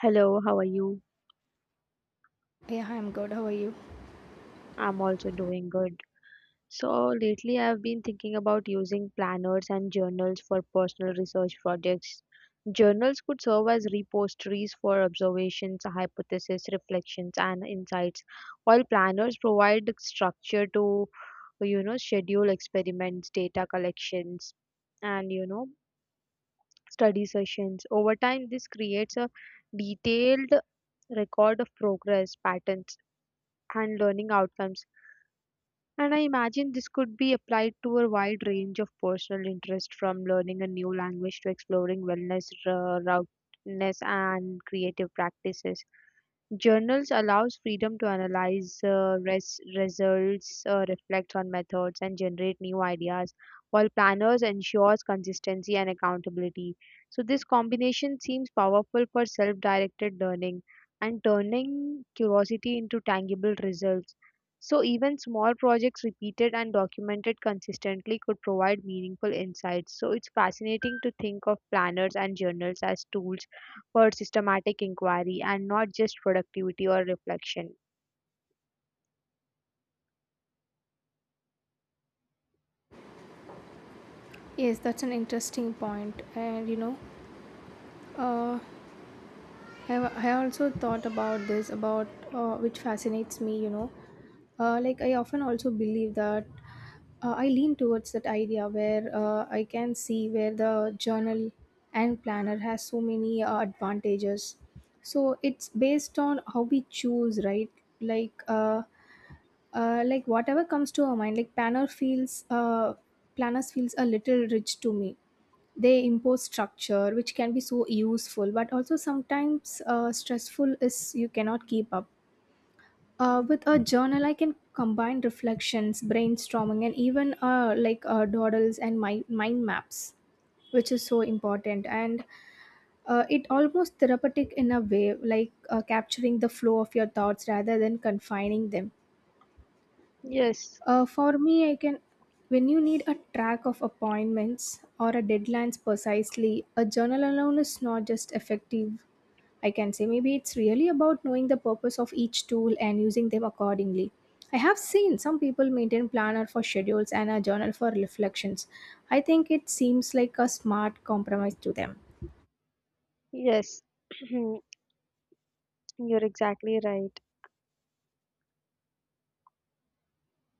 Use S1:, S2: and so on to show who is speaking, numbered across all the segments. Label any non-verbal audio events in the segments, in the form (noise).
S1: Hello, how are you?
S2: Yeah, I'm good. How are you?
S1: I'm also doing good. So, lately I've been thinking about using planners and journals for personal research projects. Journals could serve as repositories for observations, hypotheses, reflections, and insights, while planners provide the structure to, you know, schedule experiments, data collections, and, you know, study sessions. Over time, this creates a detailed record of progress, patterns, and learning outcomes. And I imagine this could be applied to a wide range of personal interest from learning a new language to exploring wellness, roughness, and creative practices. Journals allows freedom to analyze results, reflect on methods, and generate new ideas, while planners ensures consistency and accountability. So this combination seems powerful for self-directed learning and turning curiosity into tangible results. So even small projects repeated and documented consistently could provide meaningful insights. So it's fascinating to think of planners and journals as tools for systematic inquiry and not just productivity or reflection.
S2: Yes, that's an interesting point. And you know, uh, I, I also thought about this, about which fascinates me. Like, I often also believe that I lean towards that idea where I can see where the journal and planner has so many advantages. So it's based on how we choose, right? Like, uh, like whatever comes to our mind like planners feels a little rich to me. They impose structure, which can be so useful, but also sometimes stressful is you cannot keep up. With a journal, I can combine reflections, brainstorming, and even doodles and mind maps, which is so important. And it almost therapeutic in a way, like capturing the flow of your thoughts rather than confining them.
S1: Yes,
S2: For me, I can. When you need a track of appointments or a deadlines precisely, a journal alone is not just effective. I can say maybe it's really about knowing the purpose of each tool and using them accordingly. I have seen some people maintain planner for schedules and a journal for reflections. I think it seems like a smart compromise to them.
S1: yes, (clears throat) you're exactly right.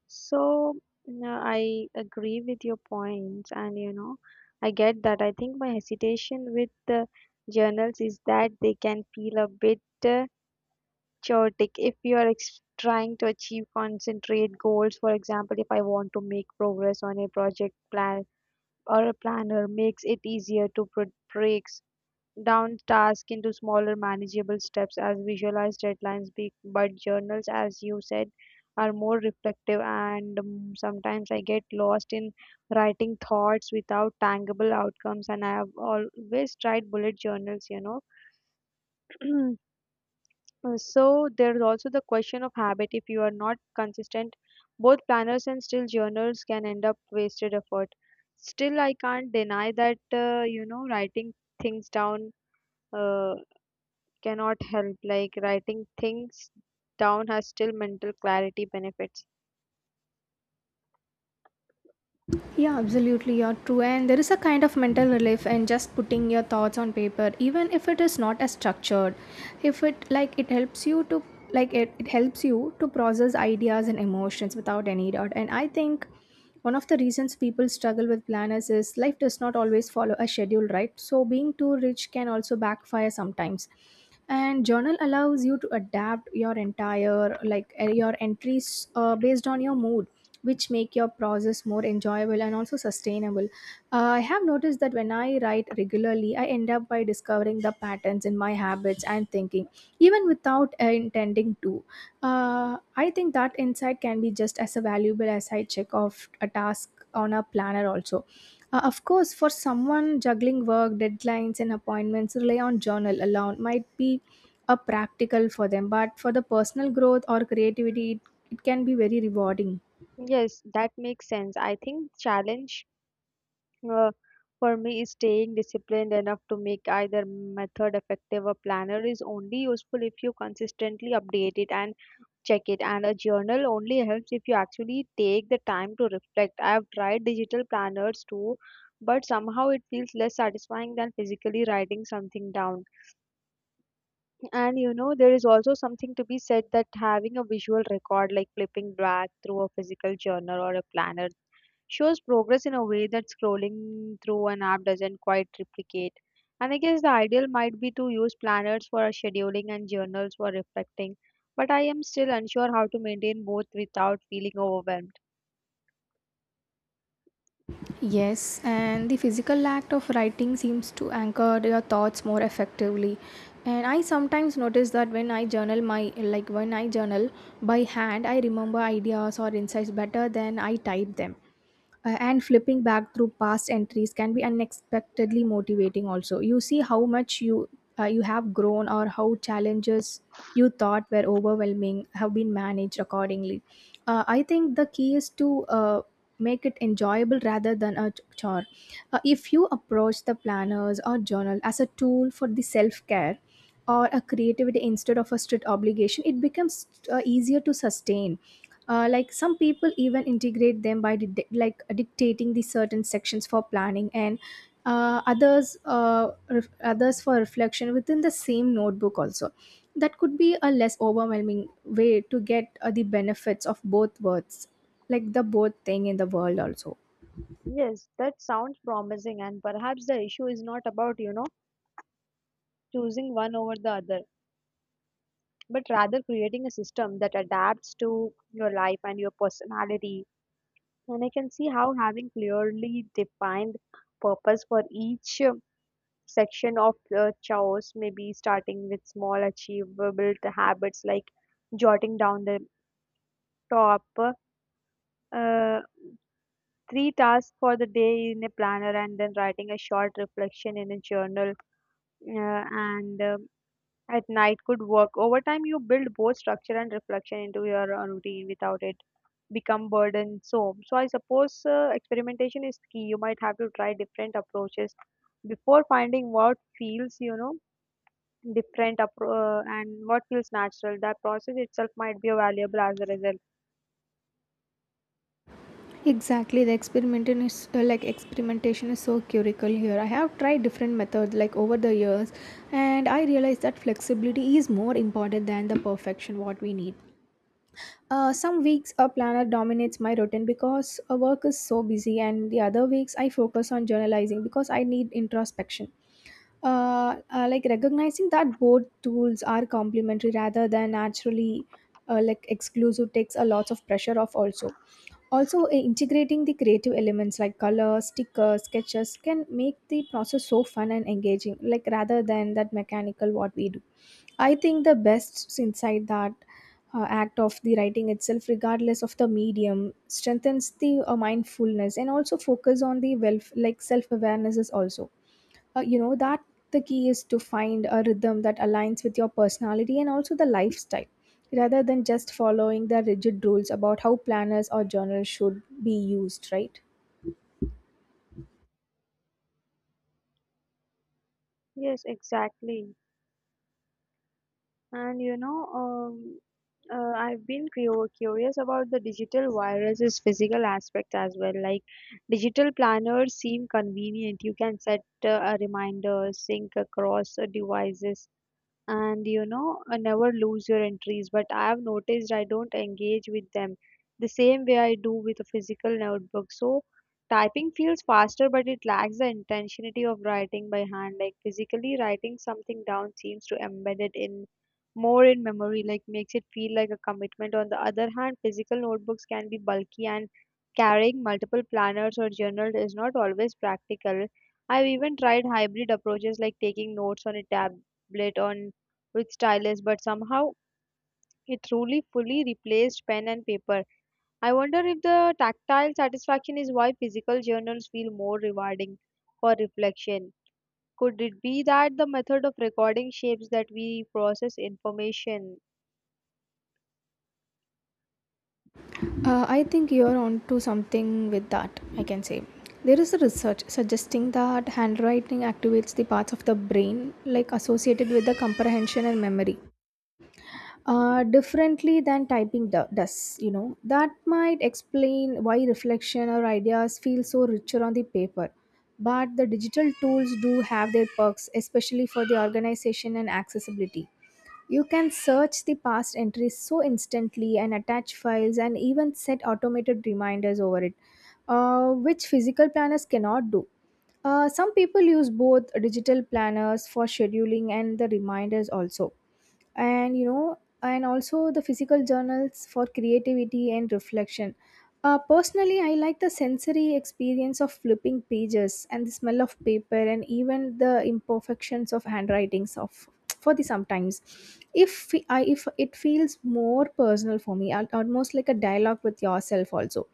S1: So, no, I agree with your points, and you know, I get that. I think my hesitation with the journals is that they can feel a bit chaotic if you are ex trying to achieve concentrate goals. For example, if I want to make progress on a project plan or a planner makes it easier to put breaks down tasks into smaller manageable steps as visualized deadlines be, but journals as you said are more reflective and sometimes I get lost in writing thoughts without tangible outcomes, and I have always tried bullet journals, you know. (clears throat) So there's also the question of habit. If you are not consistent, both planners and still journals can end up wasted effort. Still, I can't deny that you know, writing things down uh, cannot help. Like, writing things down has still mental clarity benefits.
S2: Yeah, absolutely. You're true. And there is a kind of mental relief in just putting your thoughts on paper, even if it is not as structured. If it like it helps you to like it helps you to process ideas and emotions without any doubt. And I think one of the reasons people struggle with planners is life does not always follow a schedule, right? So being too rich can also backfire sometimes. And journal allows you to adapt your entire like your entries based on your mood, which make your process more enjoyable and also sustainable. I have noticed that when I write regularly I end up by discovering the patterns in my habits and thinking even without intending to. Uh, I think that insight can be just as valuable as I check off a task on a planner also. Of course, for someone juggling work deadlines and appointments rely on journal alone might be a practical for them, but for the personal growth or creativity it can be very rewarding.
S1: Yes, that makes sense. I think challenge uh, for me is staying disciplined enough to make either method effective. A planner is only useful if you consistently update it and check it, and a journal only helps if you actually take the time to reflect. I have tried digital planners too, but somehow it feels less satisfying than physically writing something down. And you know, there is also something to be said that having a visual record, like flipping back through a physical journal or a planner, shows progress in a way that scrolling through an app doesn't quite replicate. And I guess the ideal might be to use planners for scheduling and journals for reflecting, but I am still unsure how to maintain both without feeling overwhelmed.
S2: Yes, and the physical act of writing seems to anchor your thoughts more effectively. And I sometimes notice that when I journal by hand, I remember ideas or insights better than I type them. And flipping back through past entries can be unexpectedly motivating also. You see how much you have grown or how challenges you thought were overwhelming have been managed accordingly. I think the key is to make it enjoyable rather than a chore. If you approach the planners or journal as a tool for the self care or a creativity instead of a strict obligation, it becomes easier to sustain. Like some people even integrate them by dictating the certain sections for planning, and others for reflection within the same notebook also. That could be a less overwhelming way to get the benefits of both words, like the both thing in the world also.
S1: Yes, that sounds promising, and perhaps the issue is not about, you know, choosing one over the other, but rather creating a system that adapts to your life and your personality. And I can see how having clearly defined purpose for each section of chores, maybe starting with small achievable habits like jotting down the top uh, three tasks for the day in a planner, and then writing a short reflection in a journal and at night could work. Over time, you build both structure and reflection into your routine without it become burden. So, I suppose experimentation is key. You might have to try different approaches before finding what feels, you know, and what feels natural. That process itself might be valuable as a result.
S2: Exactly, the experimentation is so curical here. I have tried different methods like over the years, and I realized that flexibility is more important than the perfection what we need. Some weeks a planner dominates my routine because work is so busy, and the other weeks I focus on journalizing because I need introspection. Like, recognizing that both tools are complementary rather than naturally like exclusive takes a lot of pressure off also. Also integrating the creative elements like color stickers sketches can make the process so fun and engaging, like rather than that mechanical what we do. I think the best inside that act of the writing itself, regardless of the medium, strengthens the mindfulness and also focus on the wealth, like self awareness is also. You know that the key is to find a rhythm that aligns with your personality and also the lifestyle, rather than just following the rigid rules about how planners or journals should be used. Right.
S1: Yes, exactly. And you know, I've been curious about the digital virus's physical aspect as well. Like, digital planners seem convenient. You can set a reminder, sync across devices, and you know, never lose your entries. But I have noticed I don't engage with them the same way I do with a physical notebook. So typing feels faster, but it lacks the intentionality of writing by hand. Like, physically writing something down seems to embed it in more in memory, like makes it feel like a commitment. On the other hand, physical notebooks can be bulky, and carrying multiple planners or journals is not always practical. I've even tried hybrid approaches like taking notes on a tablet on with stylus, but somehow it truly fully replaced pen and paper. I wonder if the tactile satisfaction is why physical journals feel more rewarding for reflection. Could it be that the method of recording shapes that we process information?
S2: I think you're onto something with that, I can say. There is a research suggesting that handwriting activates the parts of the brain like associated with the comprehension and memory differently than typing does, you know. That might explain why reflection or ideas feel so richer on the paper. But the digital tools do have their perks, especially for the organization and accessibility. You can search the past entries so instantly and attach files and even set automated reminders over it, which physical planners cannot do. Some people use both digital planners for scheduling and the reminders also, and you know, and also the physical journals for creativity and reflection. Personally, I like the sensory experience of flipping pages and the smell of paper and even the imperfections of handwritings of for the sometimes. If it feels more personal for me, almost like a dialogue with yourself also.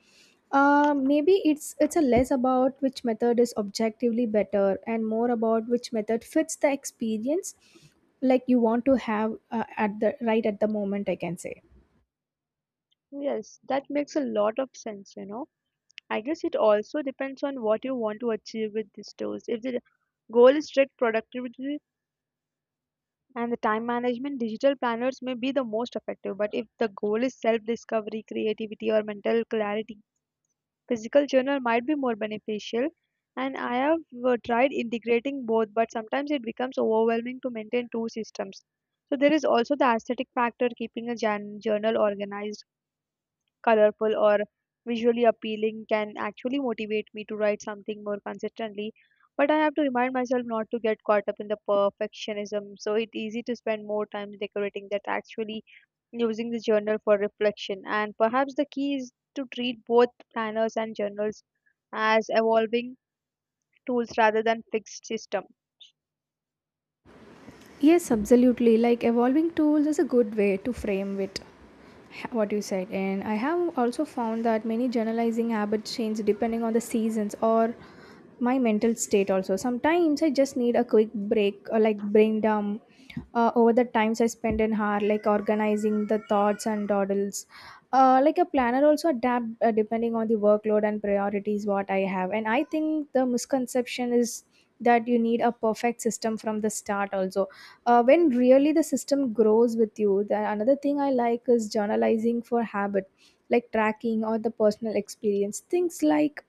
S2: Maybe it's a less about which method is objectively better and more about which method fits the experience like you want to have at the right at the moment, I can say.
S1: Yes, that makes a lot of sense, you know. I guess it also depends on what you want to achieve with these tools. If the goal is strict productivity and the time management, digital planners may be the most effective. But if the goal is self discovery, creativity, or mental clarity, physical journal might be more beneficial. And I have tried integrating both, but sometimes it becomes overwhelming to maintain two systems. So there is also the aesthetic factor. Keeping a journal organized, colorful, or visually appealing can actually motivate me to write something more consistently, but I have to remind myself not to get caught up in the perfectionism. So it's easy to spend more time decorating that actually using the journal for reflection. And perhaps the key is to treat both planners and journals as evolving tools rather than fixed system.
S2: Yes, absolutely. Like evolving tools is a good way to frame it. What you said, and I have also found that many journalizing habits change depending on the seasons or my mental state. Also, sometimes I just need a quick break or like brain dump over the times I spend in hard like organizing the thoughts and dawdles. Like a planner also adapt depending on the workload and priorities what I have. And I think the misconception is that you need a perfect system from the start also. When really the system grows with you, the another thing I like is journalizing for habit like tracking or the personal experience things like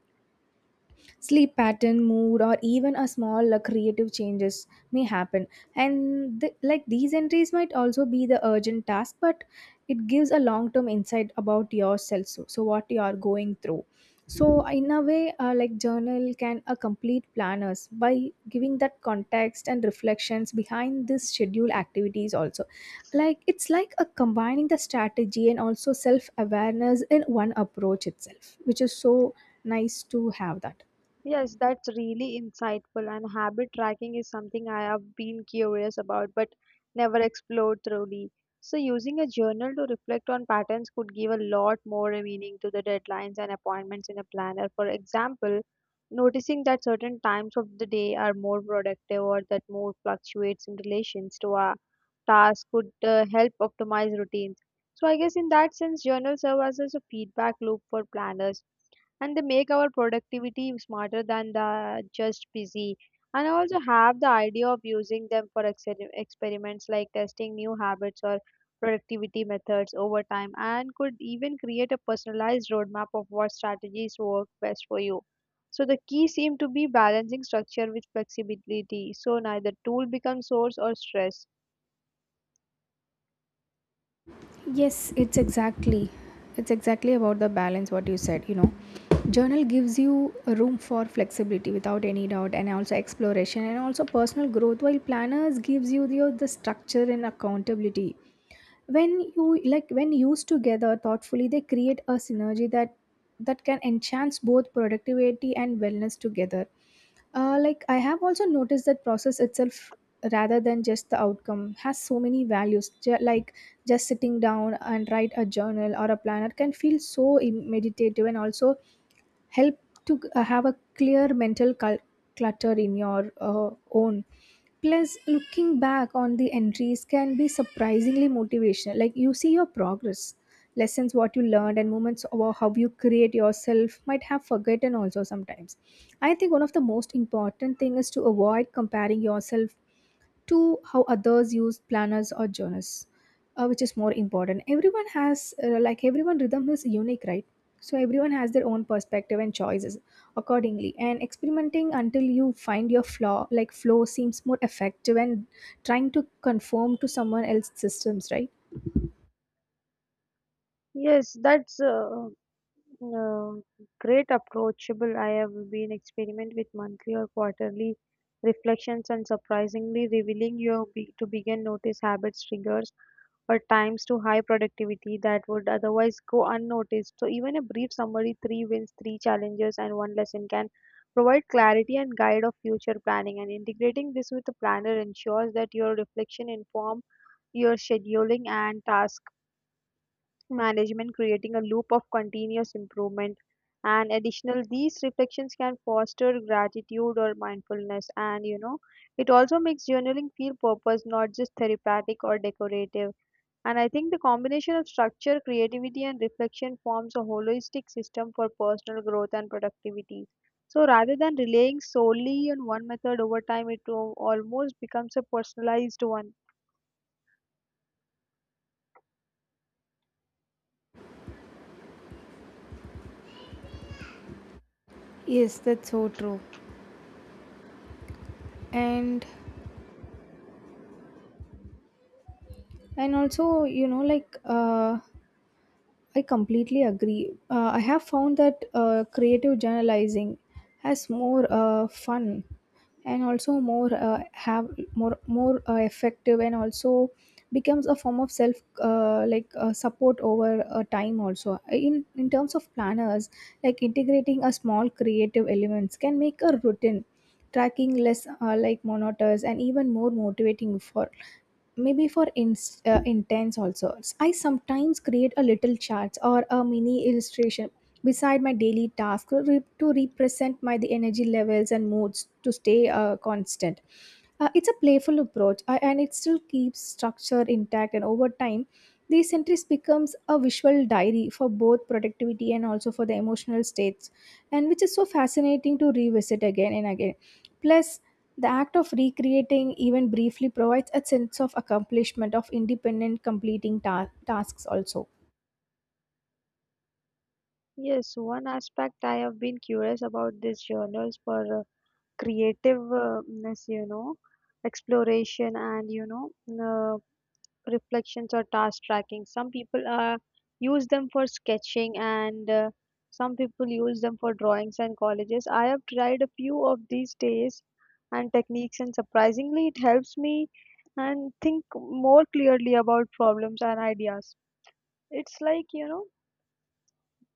S2: sleep pattern mood or even a small creative changes may happen. And like these entries might also be the urgent task, but it gives a long term insight about yourself so, so what you are going through. So in a way like journal can a complete planners by giving that context and reflections behind this schedule activities also. Like it's like a combining the strategy and also self awareness in one approach itself, which is so nice to have that.
S1: Yes, that's really insightful, and habit tracking is something I have been curious about but never explored thoroughly. So, using a journal to reflect on patterns could give a lot more meaning to the deadlines and appointments in a planner. For example, noticing that certain times of the day are more productive, or that mood fluctuates in relations to our tasks, could help optimize routines. So, I guess in that sense, journals serve as a feedback loop for planners, and they make our productivity smarter than the just busy. And I also have the idea of using them for experiments, like testing new habits or productivity methods over time, and could even create a personalized roadmap of what strategies work best for you. So the key seemed to be balancing structure with flexibility, so neither tool becomes source or stress.
S2: Yes, it's exactly about the balance what you said, you know. Journal gives you a room for flexibility without any doubt and also exploration and also personal growth, while planners gives you the structure and accountability. When you like when used together thoughtfully, they create a synergy that can enhance both productivity and wellness together. Like I have also noticed that process itself, rather than just the outcome, has so many values. Like just sitting down and write a journal or a planner can feel so meditative and also help to have a clear mental clutter in your own. Plus, looking back on the entries can be surprisingly motivational, like you see your progress, lessons what you learned and moments about how you create yourself might have forgotten also sometimes. I think one of the most important thing is to avoid comparing yourself to how others use planners or journals, which is more important. Everyone has uh, like everyone rhythm is unique, right? So everyone has their own perspective and choices accordingly, and experimenting until you find your flaw like flow seems more effective and trying to conform to someone else's systems, right?
S1: Yes, that's a, uh great approachable. I have been experiment with monthly or quarterly reflections, and surprisingly revealing your to begin notice habits, triggers, or times to high productivity that would otherwise go unnoticed. So even a brief summary, three wins, three challenges, and one lesson can provide clarity and guide of future planning. And integrating this with a planner ensures that your reflection inform your scheduling and task management, creating a loop of continuous improvement. And additional, these reflections can foster gratitude or mindfulness. And you know, it also makes journaling feel purpose, not just therapeutic or decorative. And I think the combination of structure, creativity, and reflection forms a holistic system for personal growth and productivity. So rather than relying solely on one method over time, it almost becomes a personalized one.
S2: Yes, that's so true. And and also you know like I completely agree. I have found that creative journalizing has more fun and also more have more more effective and also becomes a form of self support over time also in terms of planners, like integrating a small creative elements can make a routine tracking less monotonous and even more motivating for maybe for ins intents also. I sometimes create a little charts or a mini illustration beside my daily task to represent my the energy levels and moods to stay constant. It's a playful approach, and it still keeps structure intact. And over time these entries becomes a visual diary for both productivity and also for the emotional states, and which is so fascinating to revisit again and again. Plus, the act of recreating even briefly provides a sense of accomplishment of independent tasks also.
S1: Yes, one aspect I have been curious about these journals for creativeness, you know, exploration, and you know, uh, reflections or task tracking. Some people use them for sketching, and some people use them for drawings and colleges. I have tried a few of these days and techniques, and surprisingly it helps me and think more clearly about problems and ideas. It's like, you know,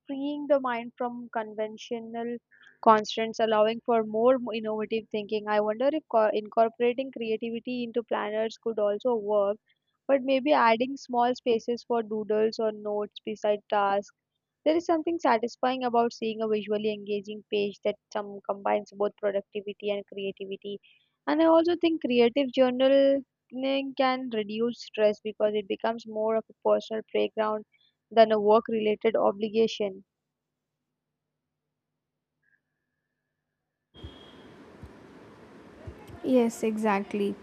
S1: freeing the mind from conventional constraints, allowing for more innovative thinking. I wonder if incorporating creativity into planners could also work, but maybe adding small spaces for doodles or notes beside tasks. There is something satisfying about seeing a visually engaging page that some combines both productivity and creativity. And I also think creative journaling can reduce stress because it becomes more of a personal playground than a work related obligation.
S2: Yes, exactly.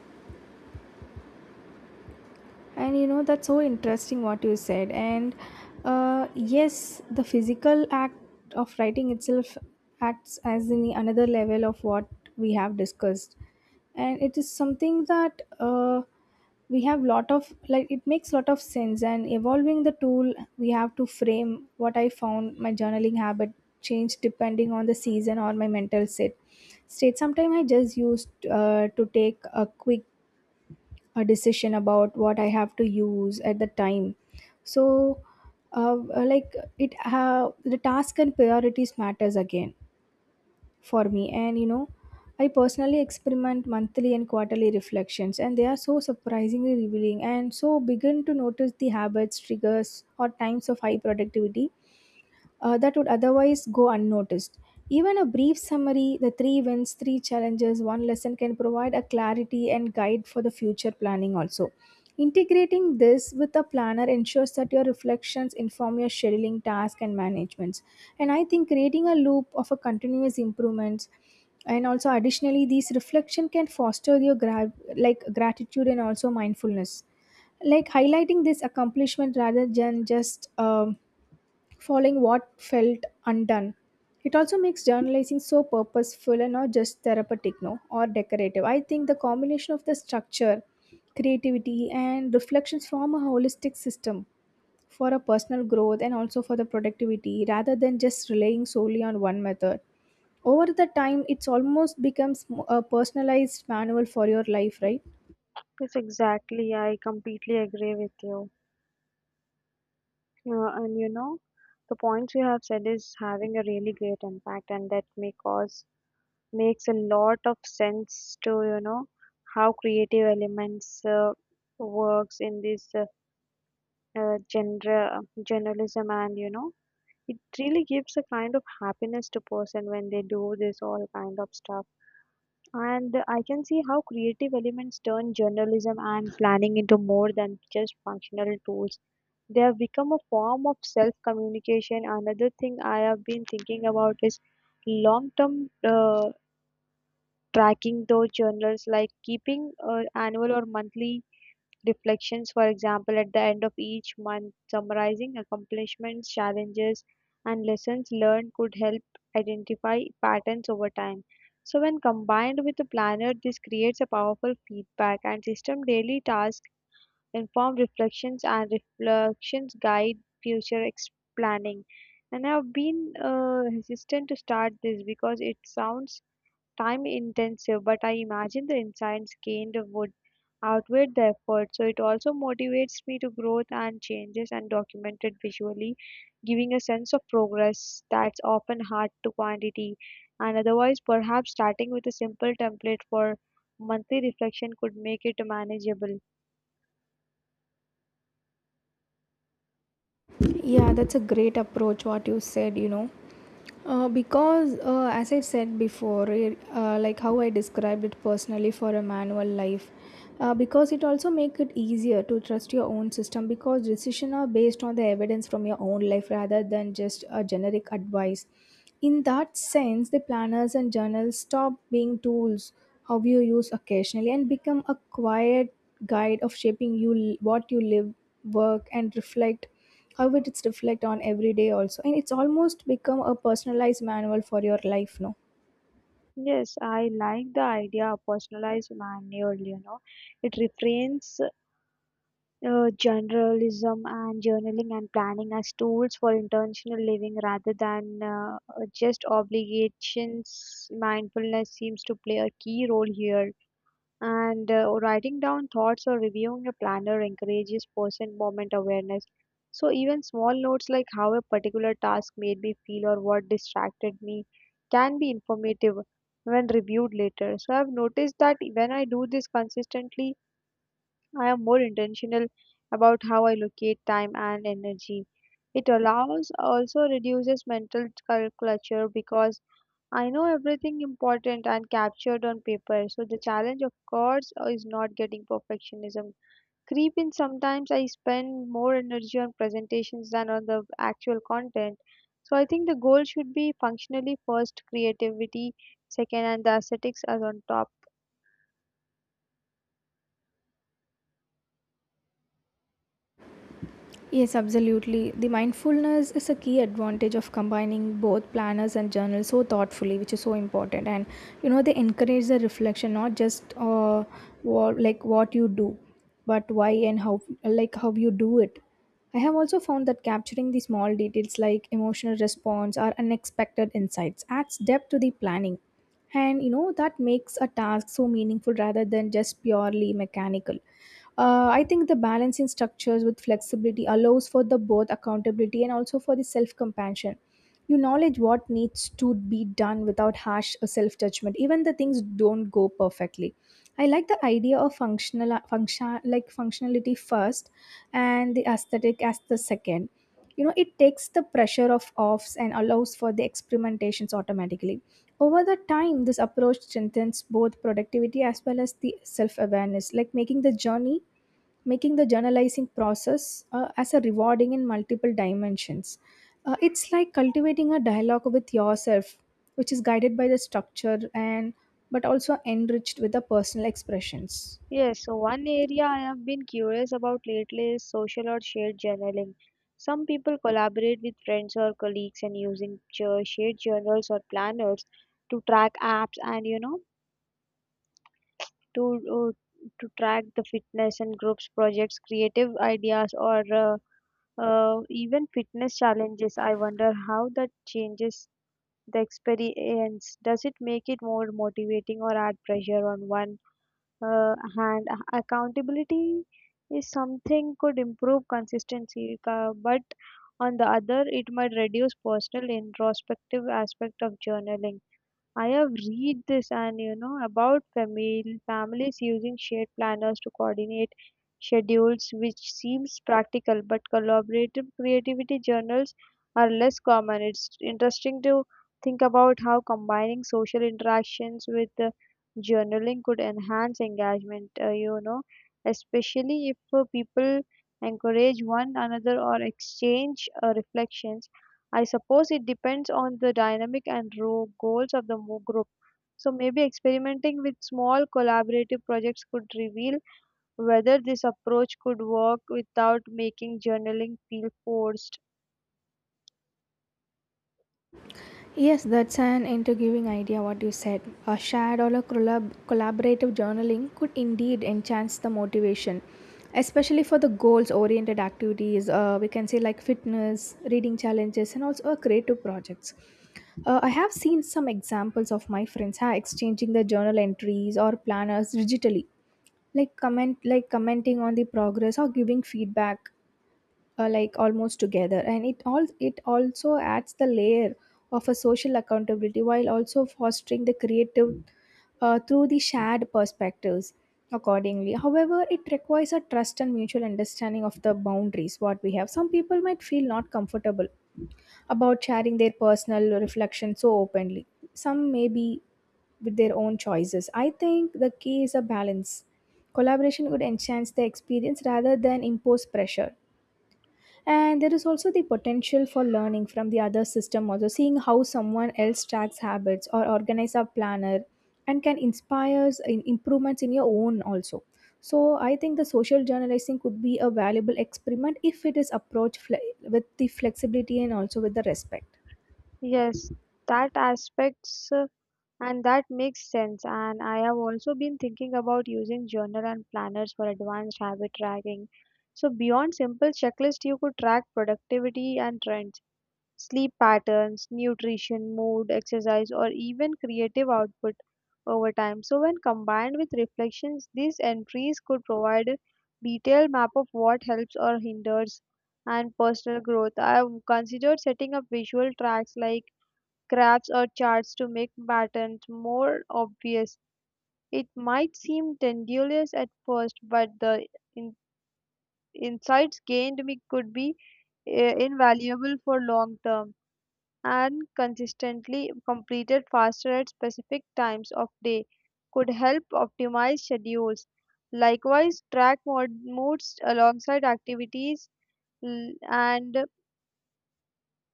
S2: And you know, that's so interesting what you said. And yes, the physical act of writing itself acts as in another level of what we have discussed. And it is something that we have lot of, like, it makes lot of sense. And evolving the tool we have to frame what I found, my journaling habit changed depending on the season or my mental state. Sometimes I just used to take a quick a decision about what I have to use at the time. So, the task and priorities matters again for me. And you know, I personally experiment monthly and quarterly reflections, and they are so surprisingly revealing. And so begin to notice the habits, triggers, or times of high productivity that would otherwise go unnoticed. Even a brief summary, the three wins, three challenges, one lesson can provide a clarity and guide for the future planning also. Integrating this with a planner ensures that your reflections inform your scheduling, task, and managements. And I think creating a loop of a continuous improvements. And also additionally these reflection can foster your gratitude and also mindfulness, like highlighting this accomplishment rather than just following what felt undone. It also makes journalizing so purposeful and not just therapeutic, no, or decorative. I think the combination of the structure, creativity, and reflections form a holistic system for a personal growth and also for the productivity rather than just relying solely on one method. Over the time, it's almost becomes a personalized manual for your life, right?
S1: Yes, exactly. I completely agree with you. And you know, the points you have said is having a really great impact, and that may cause makes a lot of sense to, you know, how creative elements works in this genre journalism, and you know, it really gives a kind of happiness to person when they do this all kind of stuff. And I can see how creative elements turn journalism and planning into more than just functional tools. They have become a form of self communication. Another thing I have been thinking about is long term tracking those journals, like keeping annual or monthly reflections, for example, at the end of each month, summarizing accomplishments, challenges, and lessons learned could help identify patterns over time. So, when combined with a planner, this creates a powerful feedback and system. Daily tasks inform reflections, and reflections guide future planning. And I've been hesitant to start this because it sounds time intensive, but I imagine the insights gained would outweigh the effort. So it also motivates me to growth and changes and document it visually, giving a sense of progress that's often hard to quantity. And otherwise, perhaps starting with a simple template for monthly reflection could make it manageable.
S2: Yeah, that's a great approach, what you said, you know. Because, as I said before, it, like how I described it personally for a manual life, because it also make it easier to trust your own system, because decisions are based on the evidence from your own life rather than just a generic advice. In that sense, the planners and journals stop being tools how you use occasionally and become a quiet guide of shaping you what you live, work, and reflect, how it's reflect on every day also. And it's almost become a personalized manual for your life now.
S1: Yes, I like the idea of personalized manual. It refrains journalism and journaling and planning as tools for intentional living rather than just obligations. Mindfulness seems to play a key role here. And writing down thoughts or reviewing a planner encourages present moment awareness. So even small notes like how a particular task made me feel or what distracted me can be informative when reviewed later. So I've noticed that when I do this consistently, I am more intentional about how I allocate time and energy. It allows also reduces mental clutter because I know everything important and captured on paper. So the challenge, of course, is not getting perfectionism creep in. Sometimes I spend more energy on presentations than on the actual content. So I think the goal should be functionally first, creativity second, and the aesthetics as on top.
S2: Yes, absolutely. The mindfulness is a key advantage of combining both planners and journals so thoughtfully, which is so important. And you know, they encourage the reflection, not just what you do, but why and how, like how you do it. I have also found that capturing the small details like emotional response or unexpected insights adds depth to the planning. And you know, that makes a task so meaningful rather than just purely mechanical. I think the balancing structures with flexibility allows for the both accountability and also for the self compassion. You knowledge what needs to be done without harsh self judgment, even the things don't go perfectly. I like the idea of functionality first and the aesthetic as the second. You know, it takes the pressure of offs and allows for the experimentations automatically. Over the time, this approach strengthens both productivity as well as the self-awareness, like making the journalizing process as a rewarding in multiple dimensions. It's like cultivating a dialogue with yourself, which is guided by the structure, and but also enriched with the personal expressions.
S1: Yes, so one area I have been curious about lately is social or shared journaling. Some people collaborate with friends or colleagues and using shared journals or planners to track apps and to to track the fitness and groups projects, creative ideas or even fitness challenges. I wonder how that changes the experience. Does it make it more motivating or add pressure on one? uh, and accountability is something could improve consistency but on the other it might reduce personal introspective aspect of journaling. I have read this and you know about family families using shared planners to coordinate schedules, which seems practical, but collaborative creativity journals are less common. It's interesting to think about how combining social interactions with journaling could enhance engagement, especially if people encourage one another or exchange reflections. I suppose it depends on the dynamic and raw goals of the group. So maybe experimenting with small collaborative projects could reveal whether this approach could work without making journaling feel forced.
S2: Yes, that's an intriguing idea what you said. A shared or a collaborative journaling could indeed enhance the motivation, especially for the goals oriented activities, we can say, like fitness, reading challenges, and also creative projects. I have seen some examples of my friends ha, exchanging the journal entries or planners digitally, like commenting on the progress or giving feedback, like almost together. And it all it also adds the layer of a social accountability, while also fostering the creative through the shared perspectives accordingly. However, it requires a trust and mutual understanding of the boundaries what we have. Some people might feel not comfortable about sharing their personal reflection so openly, some may be with their own choices. I think the key is a balance. Collaboration would enhance the experience rather than impose pressure. And there is also the potential for learning from the other system also, seeing how someone else tracks habits or organize a planner and can inspire in improvements in your own also. So I think the social journalizing could be a valuable experiment if it is approached with the flexibility and also with the respect.
S1: Yes, that aspects and that makes sense. And I have also been thinking about using journal and planners for advanced habit tracking. So beyond simple checklist, you could track productivity and trends. Sleep patterns, nutrition, mood, exercise, or even creative output over time. So, when combined with reflections, these entries could provide a detailed map of what helps or hinders and personal growth. I have considered setting up visual tracks like graphs or charts to make patterns more obvious. It might seem tedious at first, but the in- insights gained me could be invaluable for long term and consistently completed faster at specific times of day could help optimize schedules. Likewise, track moods alongside activities and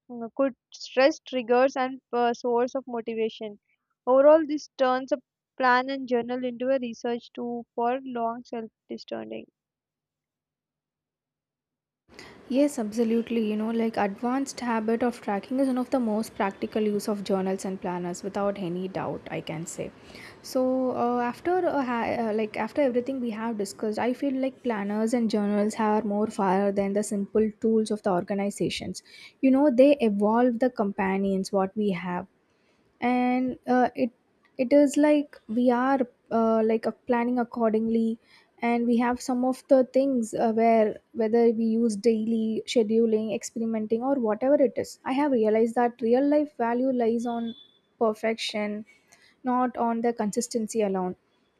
S1: could stress triggers and source of motivation. Overall, this turns a plan and journal into a research tool for long self-discerning.
S2: Yes, absolutely. You know, like advanced habit of tracking is one of the most practical use of journals and planners without any doubt, I can say. So, after ha- like after everything we have discussed, I feel like planners and journals are more far than the simple tools of the organizations. You know, they evolve the companions what we have. And it it is like we are planning accordingly. And we have some of the things where whether we use daily scheduling experimenting or whatever it is, I have realized that real life value lies on perfection, not on the consistency alone,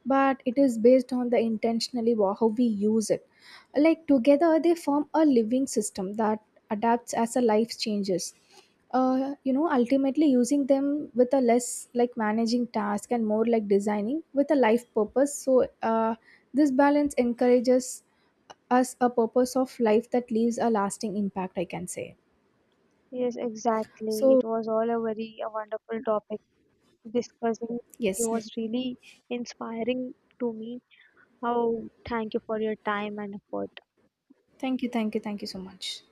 S2: but it is based on the intentionally how we use it. Like together they form a living system that adapts as a life changes. You know, ultimately using them with a less like managing task and more like designing with a life purpose. So, this balance encourages us a purpose of life that leaves a lasting impact, I can say.
S1: Yes, exactly.
S2: So,
S1: It was all a very a wonderful topic. Discussing with
S2: yes,
S1: you was really inspiring to me. Oh, thank you for your time and effort.
S2: thank you, thank you, thank you so much.